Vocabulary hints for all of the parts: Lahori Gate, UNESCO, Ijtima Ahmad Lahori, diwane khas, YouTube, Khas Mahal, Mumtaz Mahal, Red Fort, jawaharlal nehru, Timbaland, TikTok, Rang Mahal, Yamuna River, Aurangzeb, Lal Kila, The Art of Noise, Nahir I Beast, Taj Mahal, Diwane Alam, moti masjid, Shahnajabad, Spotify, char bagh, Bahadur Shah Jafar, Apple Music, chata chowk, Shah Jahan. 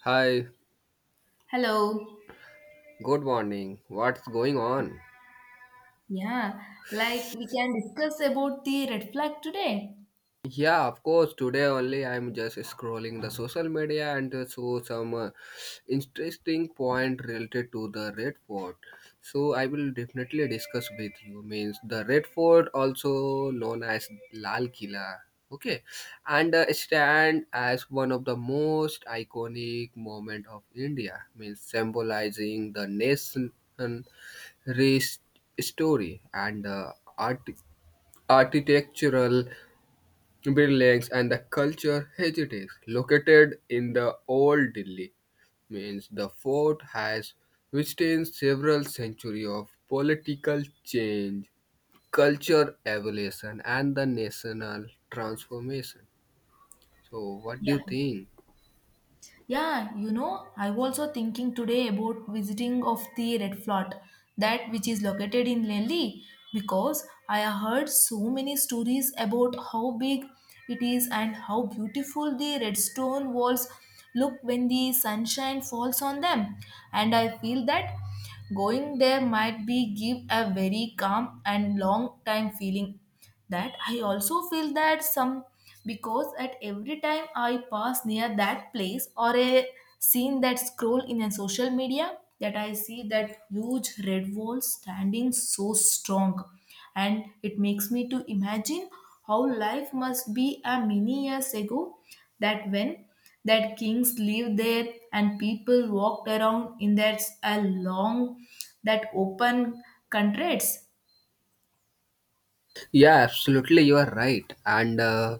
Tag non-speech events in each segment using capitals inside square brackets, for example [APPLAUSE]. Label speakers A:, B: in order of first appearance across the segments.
A: Hi,
B: Hello.
A: good morning. What's going on?
B: Yeah, like we can discuss about the red flag today.
A: Yeah, of course. Today only I'm just scrolling the social media and saw some interesting point related to the Red Fort. So I will definitely discuss with you. Means the Red Fort, also known as Lal Kila. Okay, and stand as one of the most iconic moment of India. Means symbolizing the nation rest story and art architectural buildings and the culture heritage located in the old Delhi means the fort has withstand several centuries of political change, culture evolution and the national transformation. So what do you
B: Yeah.
A: think?
B: Yeah, I was also thinking today about visiting of the red fort, that which is located in Delhi, because I have heard so many stories about how big it is and how beautiful the red stone walls look when the sunshine falls on them. And I feel that going there might be give a very calm and long time feeling that I also feel that some because at every time I pass near that place or a scene that scroll in a social media that I see that huge red wall standing so strong and it makes me to imagine how life must be a many years ago that when that kings lived there and people walked around in a long that open countries.
A: Yeah, absolutely, you are right. And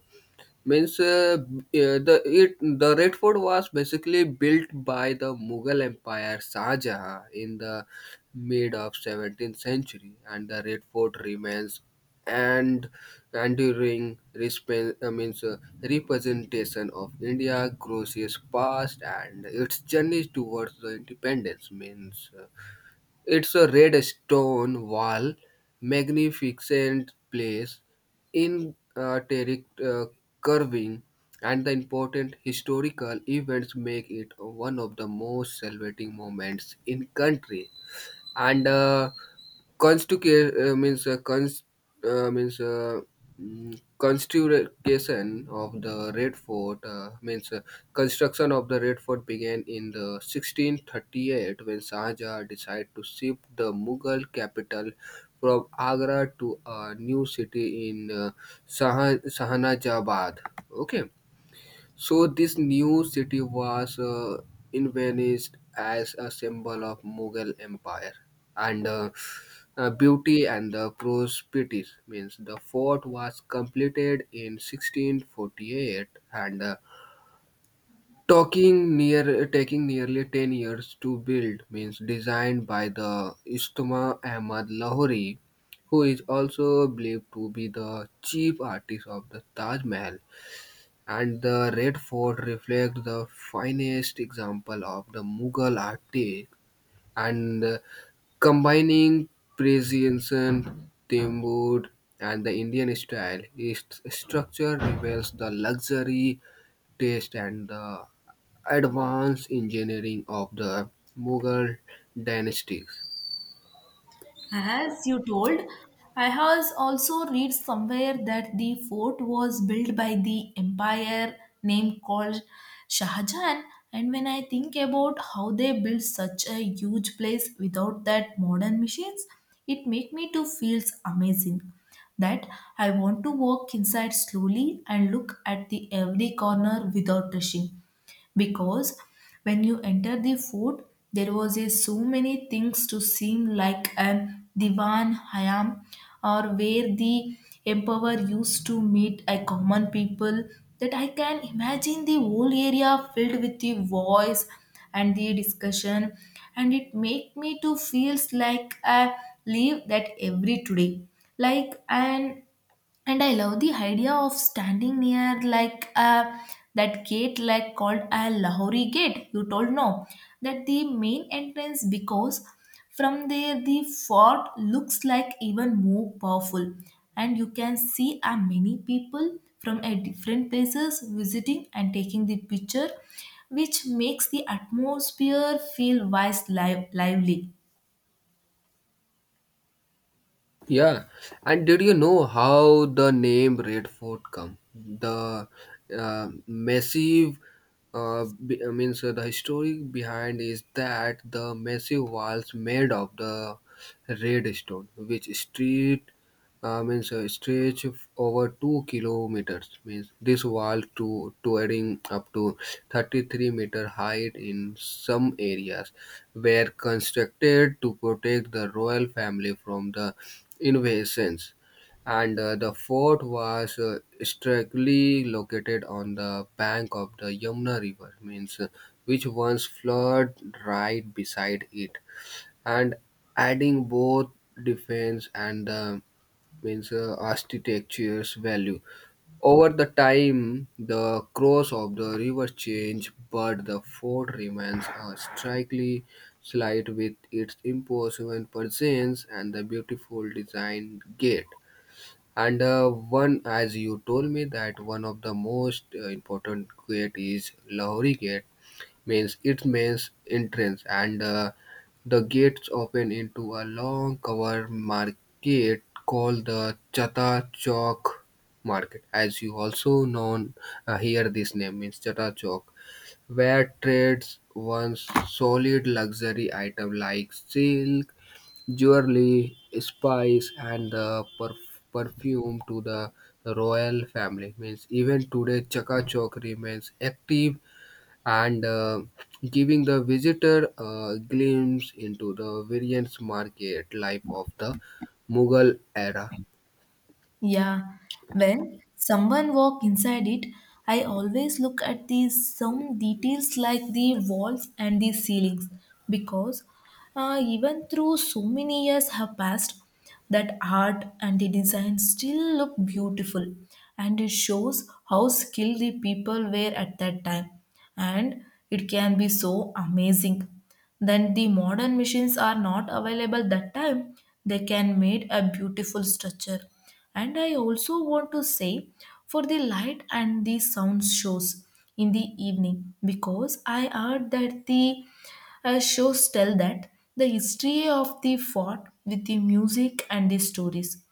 A: means b- the it the Red Fort was basically built by the Mughal Empire Shah Jahan in the mid of 17th century, and the Red Fort remains and enduring respe- means representation of India, Croatia's past, and its journey towards the independence means. It's a red stone wall, magnificent place in carving, and the important historical events make it one of the most celebrating moments in country and constitu- means cons- means mm, constitution of the Red Fort means construction of the Red Fort began in the 1638 when Shah Jahan decided to shift the Mughal capital from Agra to a new city in Shahnajabad. Okay, so this new city was envisioned as a symbol of Mughal Empire and beauty and the prosperity. Means the fort was completed in 1648 and talking near taking nearly 10 years to build. Means designed by the Ijtima Ahmad Lahori, who is also believed to be the chief artist of the Taj Mahal and the Red Fort reflect the finest example of the Mughal architect and combining Persian, Timur, and the Indian style. Its structure reveals the luxury taste and the advanced engineering of the Mughal dynasties.
B: As you told, I has also read somewhere that the fort was built by the empire named called Shah Jahan. And when I think about how they built such a huge place without that modern machines, it make me to feels amazing. That I want to walk inside slowly and look at the every corner without rushing, because when you enter the fort there was a so many things to seem like a divan hayam or where the emperor used to meet a common people, that I can imagine the whole area filled with the voice and the discussion, and it make me to feels like I live that every today like an, and I love the idea of standing near that gate like called a lahori gate you told no, that the main entrance, because from there the fort looks like even more powerful, and you can see a many people from a different places visiting and taking the picture which makes the atmosphere feel wise live, lively.
A: Yeah, and did you know how the name Red Fort come? The massive, so the history behind is that the massive walls made of the red stone, which street means stretch of over 2 kilometers. Means this wall to adding up to 33 meter height in some areas were constructed to protect the royal family from the invasions, and the fort was strictly located on the bank of the Yamuna River, means which once flowed right beside it, and adding both defense and means architecture's value. Over the time, the course of the river changed, but the fort remains a strikingly slight with its imposing presence and the beautiful design gate. And one, as you told me, that one of the most important gate is Lahori Gate, means it means entrance and the gates open into a long covered market called the chata chowk market as you also known here this name means chata chowk where trades once solid luxury item like silk, jewelry, spice and the perfume to the royal family means even today chaka chowk remains active and giving the visitor a glimpse into the various market life of the Mughal era.
B: Yeah, when someone walk inside it, I always look at these some details like the walls and the ceilings because even through so many years have passed, that art and the design still look beautiful, and it shows how skilled the people were at that time, and it can be so amazing. Then the modern machines are not available that time; they can made a beautiful structure, and I also want to say for the light and the sound shows in the evening because I heard that the shows tell that the history of the fort with the music and the stories.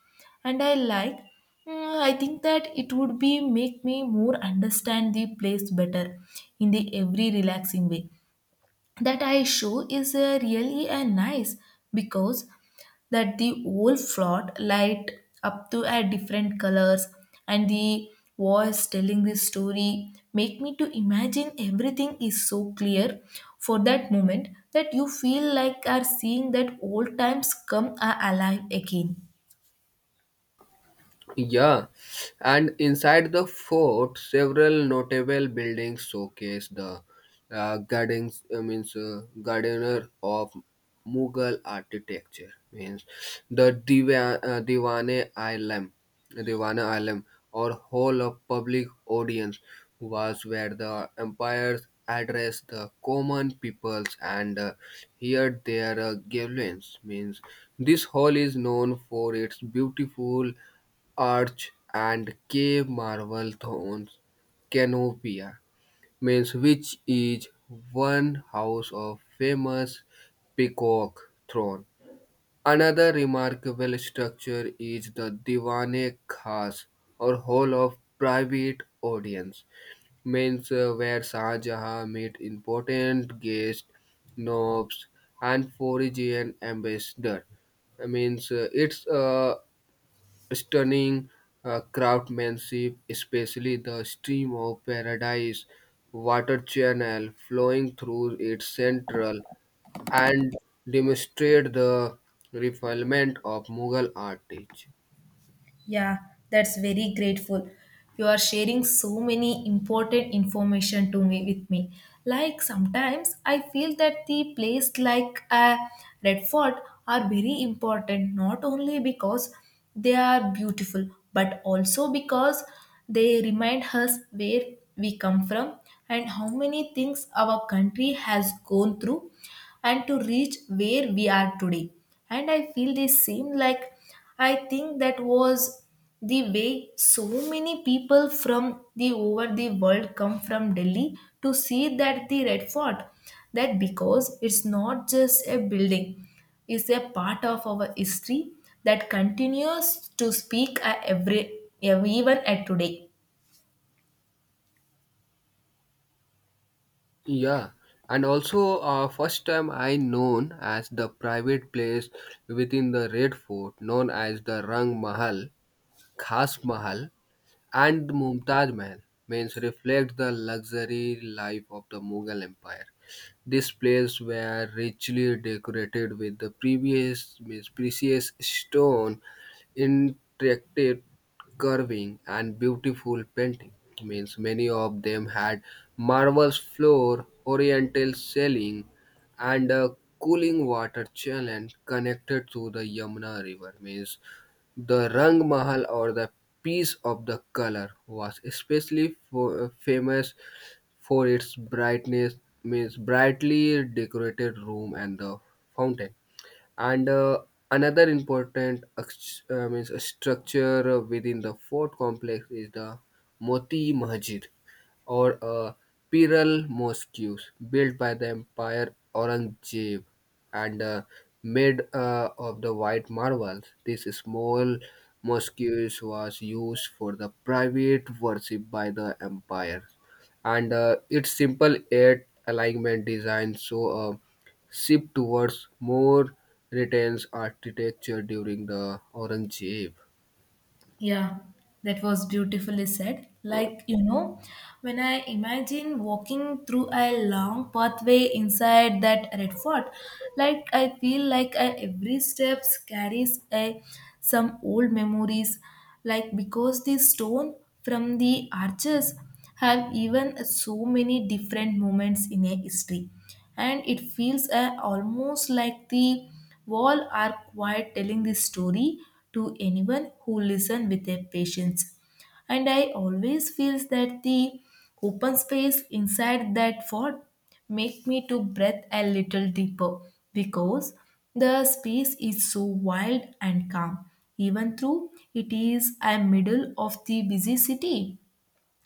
B: And I like, I think that it would be make me more understand the place better in the every relaxing way, that I show is really nice because that the whole float light up to a different colors and the voice telling the story make me to imagine everything is so clear for that moment, that you feel like are seeing that old times come alive again.
A: Yeah, and inside the fort, several notable buildings showcase the gardens. I means gardener of Mughal architecture. Means the Diwane Alam, or hall of public audience was where the empires addressed the common peoples and heard their grievances. Means this hall is known for its beautiful arch and cave marble thrones canopia means which is one house of famous peacock throne. Another remarkable structure is the diwane khas or hall of private audience means where Shah Jahan met important guests, nobs and foreign ambassador means it's a stunning craftsmanship, especially the stream of paradise water channel flowing through its central, and demonstrate the refinement of Mughal architecture.
B: Yeah, that's very grateful. You are sharing so many important information to me with me. Like sometimes I feel that the place like a Red Fort are very important not only because they are beautiful but also because they remind us where we come from and how many things our country has gone through and to reach where we are today. And I feel the same, like I think that was the way so many people from the over the world come from Delhi to see that the Red Fort. That because it's not just a building, it's a part of our history that continues to speak at every even at today.
A: Yeah, and also first time I known as the private place within the Red Fort, known as the Rang Mahal, Khas Mahal, and Mumtaz Mahal means reflect the luxury life of the Mughal Empire. This place were richly decorated with the previous means precious stone, intricate carving, and beautiful painting. Means many of them had marble floor, oriental ceiling, and a cooling water channel connected to the Yamuna River. Means the Rang Mahal or the Piece of the Colour was especially famous for its brightness means brightly decorated room and the fountain and another important ex- means a structure within the fort complex is the moti masjid or Piral mosques built by the Empire Aurangzeb and made of the white marble. This small mosques was used for the private worship by the empire, and its simple eight alignment design so. Shift towards more retails architecture during the Orange Age.
B: Yeah, that was beautifully said.
A: Uh,
B: Like, you know, when I imagine walking through a long pathway inside that red fort, like I feel like I, every step carries a some old memories, like because the stone from the arches have even so many different moments in a history, and it feels almost like the wall are quiet telling the story to anyone who listen with their patience, and I always feels that the open space inside that fort make me to breathe a little deeper because the space is so wild and calm even though it is a middle of the busy city,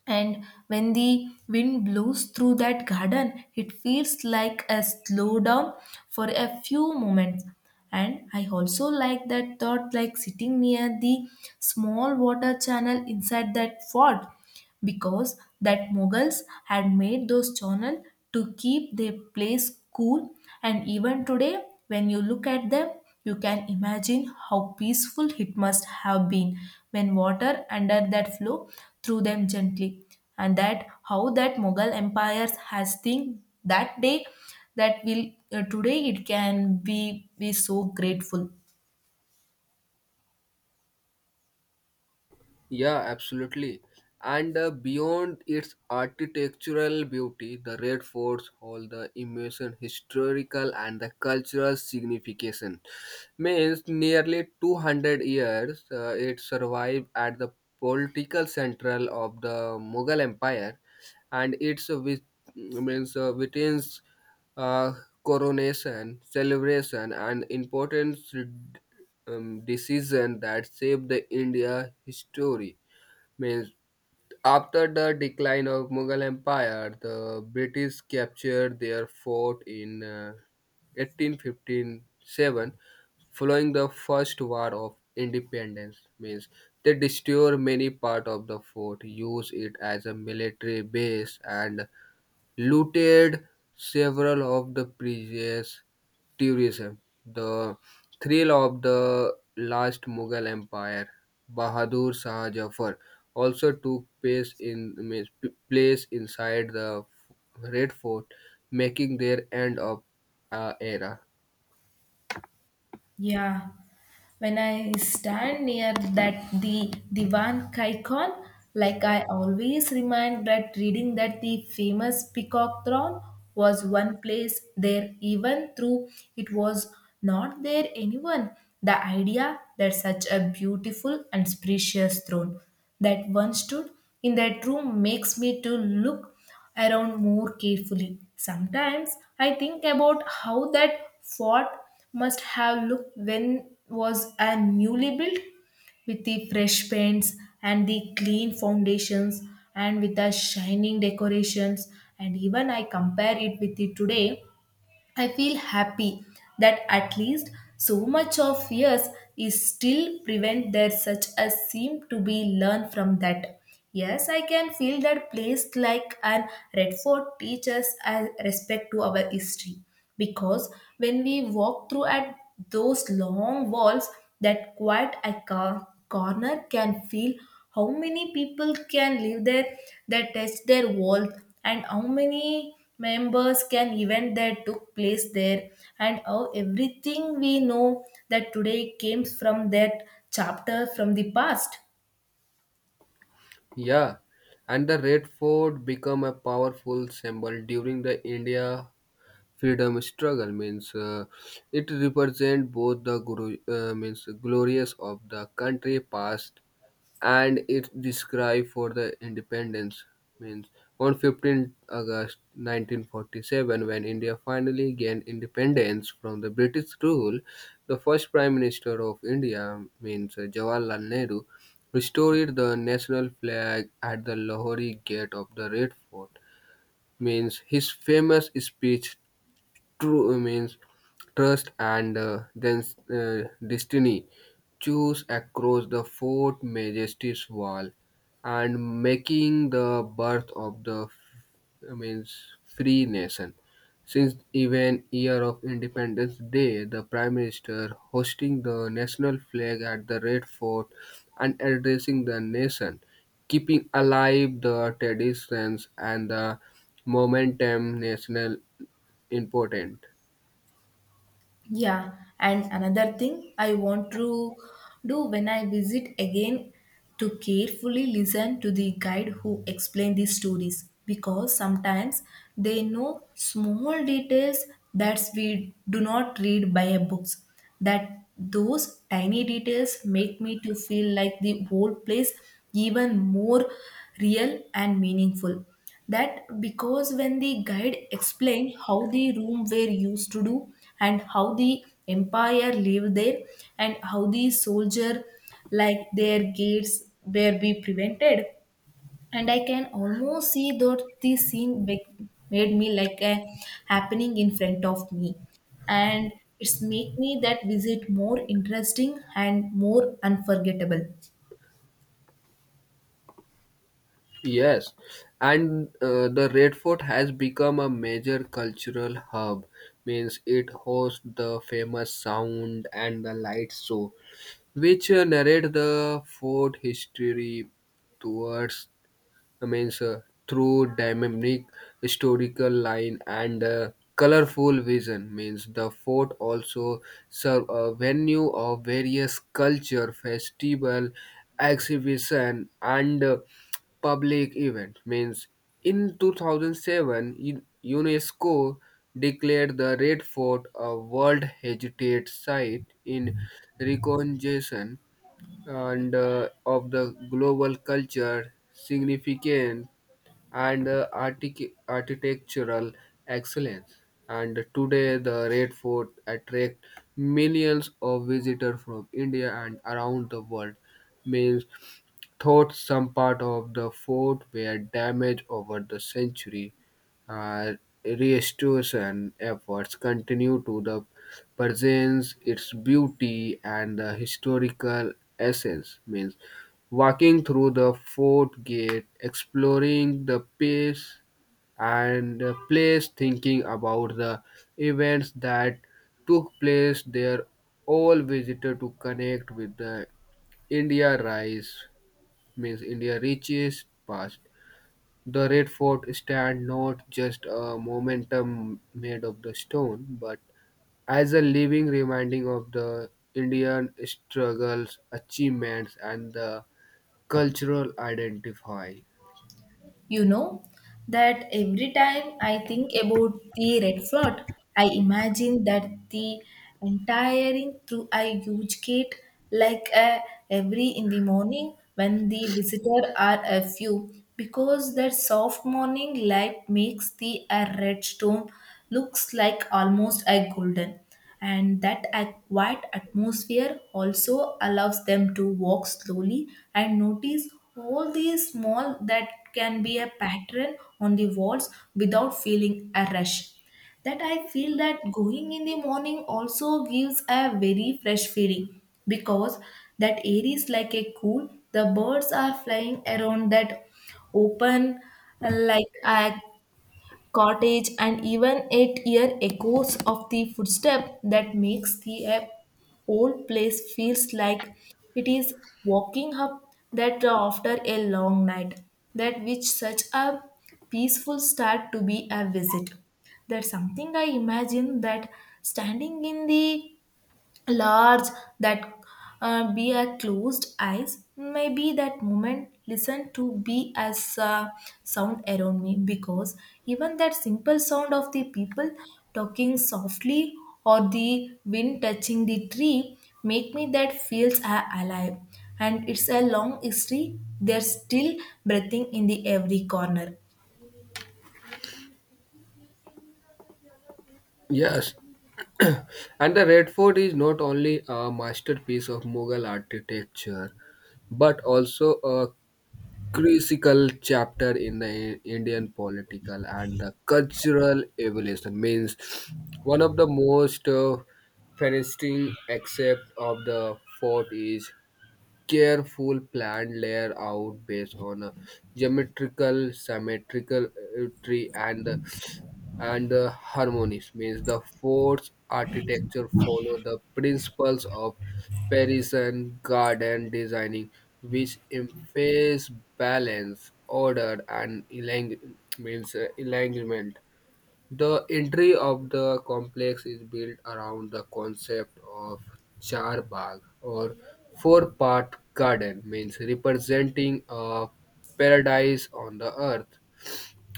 B: and when the wind blows through that garden, it feels like a slowdown for a few moments. And I also like that thought, like sitting near the small water channel inside that fort, because that Mughals had made those channel to keep their place cool. And even today, when you look at them, you can imagine how peaceful it must have been when water under that flow through them gently. And that how that Mughal empires has think that day that will today it can be so grateful.
A: Yeah, absolutely. And beyond its architectural beauty, the Red Forts hold the immense historical and the cultural signification. Means nearly 200 years it survived at the political central of the Mughal Empire and its with, means witnessed uh, coronation, celebration, and important decision that shaped the India history. Means after the decline of Mughal Empire, the British captured their fort in 1857, following the First War of Independence. Means they destroyed many part of the fort, used it as a military base, and looted several of the previous tourism. The thrill of the last Mughal Empire, Bahadur Shah Jafar, also took place place inside the Red Fort, making their end of era.
B: Yeah, when I stand near that the Divan Kaikon, like I always remind that reading that the famous peacock throne was one place there even through it was not there anyone. The idea that such a beautiful and spacious throne that one stood in that room makes me to look around more carefully. Sometimes I think about how that fort must have looked when was a newly built with the fresh paints and the clean foundations and with the shining decorations, and even I compare it with the today I feel happy that at least so much of years is still prevent there such a seem to be learned from that. Yes, I can feel that place like an Redford teaches a respect to our history because when we walk through at those long walls, that quiet a corner can feel how many people can live there that touched their walls and how many members can event that took place there and how everything we know that today came from that chapter from the past.
A: Yeah, and the Red Fort became a powerful symbol during the India freedom struggle means it represents both the guru means glorious of the country past and it described for the independence means on 15th august 1947 when india finally gained independence from the british rule the first prime minister of india means jawaharlal nehru restored the national flag at the lahore gate of the red fort means his famous speech true means trust and then destiny choose across the fort majesty's wall and making the birth of the f- means free nation since even year of independence day the prime minister hosting the national flag at the red fort and addressing the nation keeping alive the traditions and the momentum national important.
B: Yeah, and another thing I want to do when I visit again to carefully listen to the guide who explain these stories because sometimes they know small details that we do not read by a books, that those tiny details make me to feel like the whole place even more real and meaningful, that because when the guide explained how the room were used to do and how the empire lived there and how the soldier like their gates were be prevented, and I can almost see that this made me like a happening in front of me, and it's make me that visit more interesting and more unforgettable.
A: Yes, and the Red Fort has become a major cultural hub. Means it hosts the famous sound and the light show, which narrate the fort history towards I means through dynamic historical line and colorful vision means the fort also serve a venue of various culture festival, exhibition and public event means in 2007 unesco declared the red fort a world heritage site in recognition and of the global culture significant and architectural excellence and today the red fort attracts millions of visitors from india and around the world means thought some part of the fort were damaged over the century, uh, restoration efforts continue to the presents its beauty and the historical essence. Means walking through the fort gate, exploring the place and the place thinking about the events that took place there all visitor to connect with the India rise means India reaches past. The Red Fort stand not just a momentum made of the stone, but as a living reminding of the Indian struggles, achievements, and the cultural identify.
B: You know that every time I think about the red flood, I imagine that the entire ring through a huge gate, like a every in the morning when the visitor are a few, because that soft morning light makes the a red stone looks like almost a golden, and that quiet atmosphere also allows them to walk slowly and notice all these small that can be a pattern on the walls without feeling a rush, that I feel that going in the morning also gives a very fresh feeling because that air is like a cool. The birds are flying around that open, like a cottage, and even it here echoes of the footstep that makes the whole place feels like it is walking up that after a long night. That which such a peaceful start to be a visit. That's something I imagine that standing in the large that be a closed eyes maybe that moment listen to be as sound around me because even that simple sound of the people talking softly or the wind touching the tree make me that alive, and it's a long history they're still breathing in the every corner.
A: Yes, [CLEARS THROAT] and the Red Fort is not only a masterpiece of Mughal architecture but also a crucial chapter in the Indian political and the cultural evolution. Means one of the most fascinating aspect of the fort is careful planned layout based on a geometrical, symmetrical tree and the harmonies means the fort's architecture follow the principles of Parisian garden designing, which emphasize balance, order, and elang- means alignment. The entry of the complex is built around the concept of char bagh or four-part garden, means representing a paradise on the earth.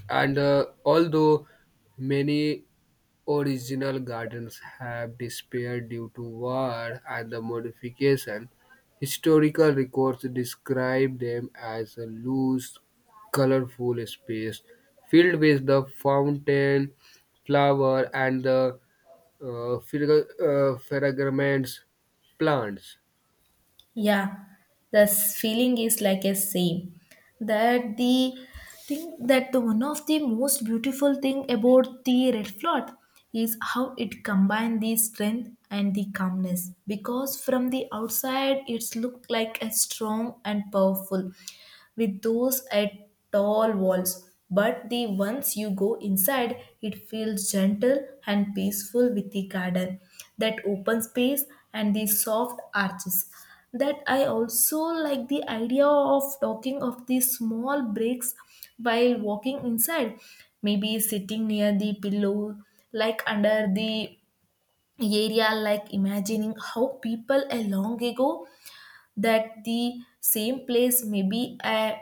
A: And although many original gardens have disappeared due to war and the modification, historical records describe them as a loose, colorful space filled with the fountain, flower, and the fragrance plants.
B: Yeah, feeling is like a same. That the thing that the one of the most beautiful thing about the red flood is how it combine the strength and the calmness. Because from the outside, it's look like a strong and powerful. With those at tall walls, but the once you go inside, it feels gentle and peaceful with the garden, that open space and the soft arches. That I also like the idea of talking of the small breaks while walking inside, maybe sitting near the pillow, like under the area, like imagining how people a long ago that the same place may be a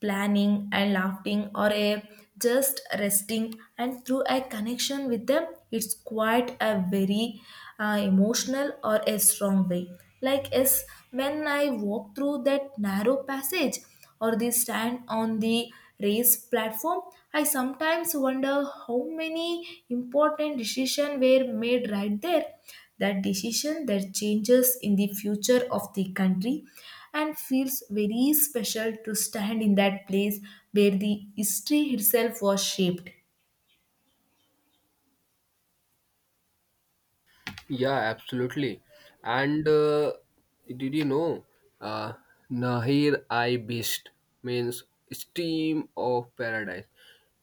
B: planning and laughing or a just resting and through a connection with them, it's quite a very emotional or a strong way, like as when I walk through that narrow passage or they stand on the race platform. I sometimes wonder how many important decisions were made right there. That decision that changes in the future of the country, and feels very special to stand in that place where the history itself was shaped.
A: Yeah, absolutely. And did you know uh, Nahir I Beast means steam of paradise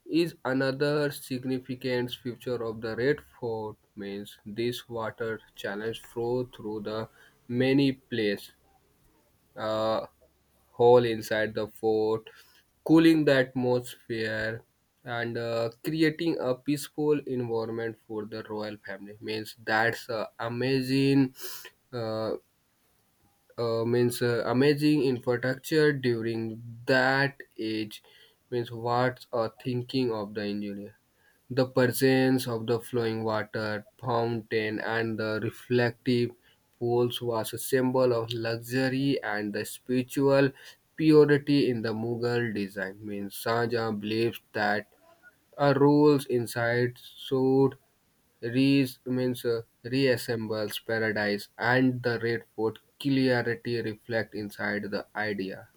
A: is another significant feature of the Red Fort means this water channels flow through the many place uh, hole inside the fort, cooling the atmosphere, and creating a peaceful environment for the royal family. Means that's amazing. Uh, means Amazing infrastructure during that age means what's a thinking of the engineer the presence of the flowing water fountain and the reflective pools was a symbol of luxury and the spiritual purity in the Mughal design means Shah Jahan believes that a rules inside should re means reassembles paradise and the Red Fort clarity reflect inside the idea.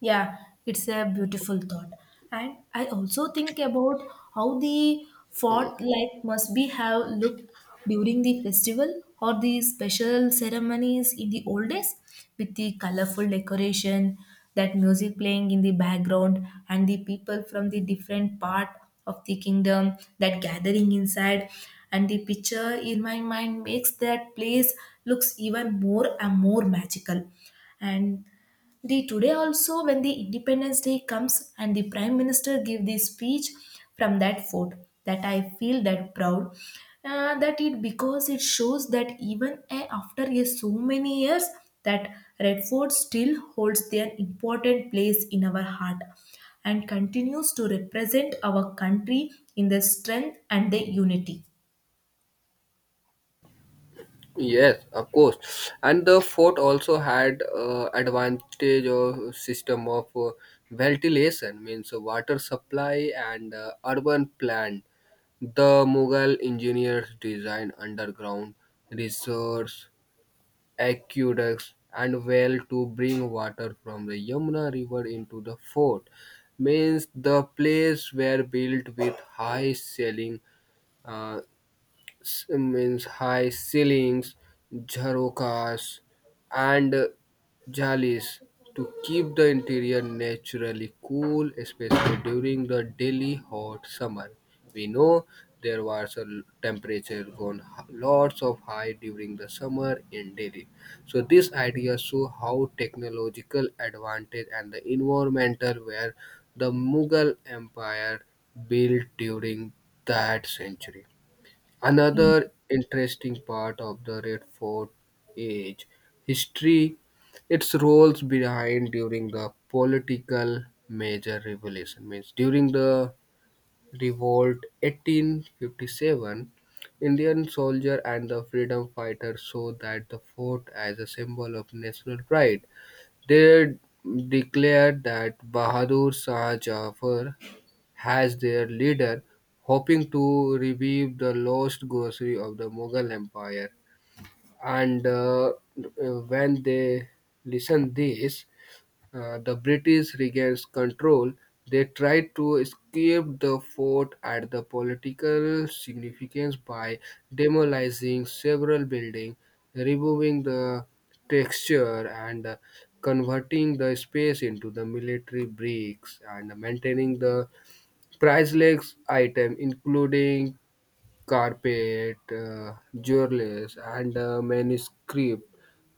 B: Yeah, it's a beautiful thought. And I also think about how the fort like must be have looked during the festival or the special ceremonies in the old days with the colorful decoration, that music playing in the background and the people from the different part of the kingdom that gathering inside, and the picture in my mind makes that place looks even more and more magical, and the today also when the independence day comes and the prime minister give the speech from that fort, that I feel that proud that it because it shows that even after a so many years that red fort still holds their important place in our heart and continues to represent our country in the strength and the unity.
A: Yes, of course, and the fort also had advantage of system of ventilation means water supply and urban plan the Mughal engineers designed underground resource aqueducts and well to bring water from the Yamuna River into the fort. Means the place were built with uh, high ceilings, jharokas, and jalis to keep the interior naturally cool, especially during the daily hot summer. We know there was a temperature gone lots of high during the summer in Delhi. So this idea show how technological advantage and the environmental were the Mughal Empire built during that century. Another interesting part of the Red Fort Age history, its roles behind during the political major revolution means during the revolt 1857 Indian soldier and the freedom fighter saw that the fort as a symbol of national pride. They declared that Bahadur Shah Jafar as their leader, hoping to revive the lost glory of the Mughal Empire. And when they listen this, the British regains control. They tried to escape the fort at the political significance by demolishing several buildings, removing the texture and converting the space into the military bricks and maintaining the priceless items including carpet, jewelry, and manuscript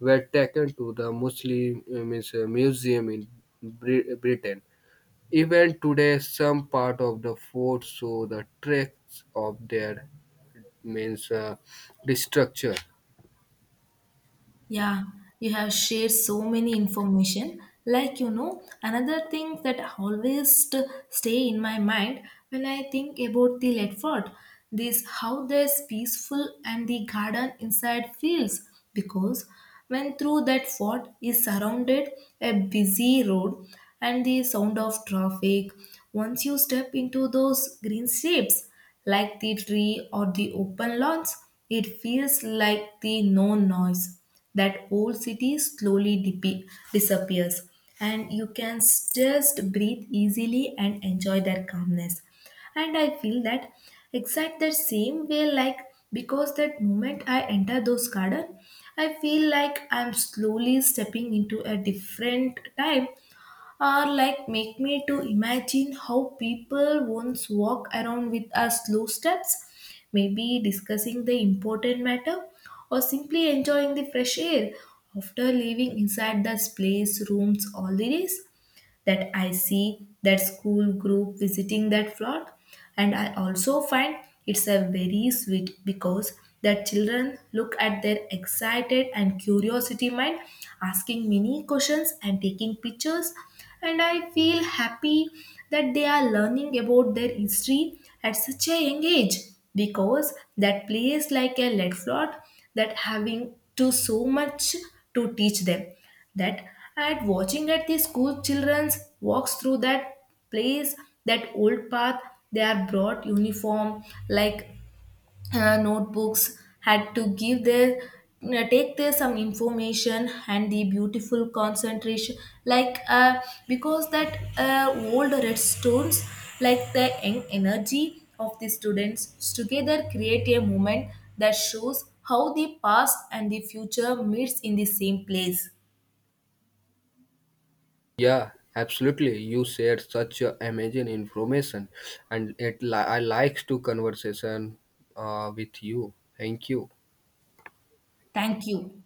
A: were taken to the museum in Britain. Even today, some part of the fort show the tracks of their means destruction.
B: Yeah, you have shared so many information. Like you know, another thing that always stay in my mind when I think about the Ledford, this how there's peaceful and the garden inside feels because when through that fort is surrounded a busy road and the sound of traffic, once you step into those green shapes like the tree or the open lawns, it feels like the no noise that old city slowly disappears, and you can just breathe easily and enjoy their calmness, and I feel that exact the same way like because that moment I enter those garden I feel like I'm slowly stepping into a different time, or like make me to imagine how people once walk around with us slow steps maybe discussing the important matter or simply enjoying the fresh air after living inside the place rooms all the days, that I see that school group visiting that flock. And I also find it's a very sweet because the children look at their excited and curiosity mind, asking many questions and taking pictures. And I feel happy that they are learning about their history at such a young age because that plays like a lead float that having to so much to teach them, that at watching at the school children's walks through that place, that old path they are brought uniform like notebooks had to give their take there some information and the beautiful concentration like because that old red stones like the young energy of the students together create a moment that shows how the past and the future meets in the same place.
A: Yeah, absolutely. You shared such a amazing information, and it I likes to conversation with you. Thank you.
B: Thank you.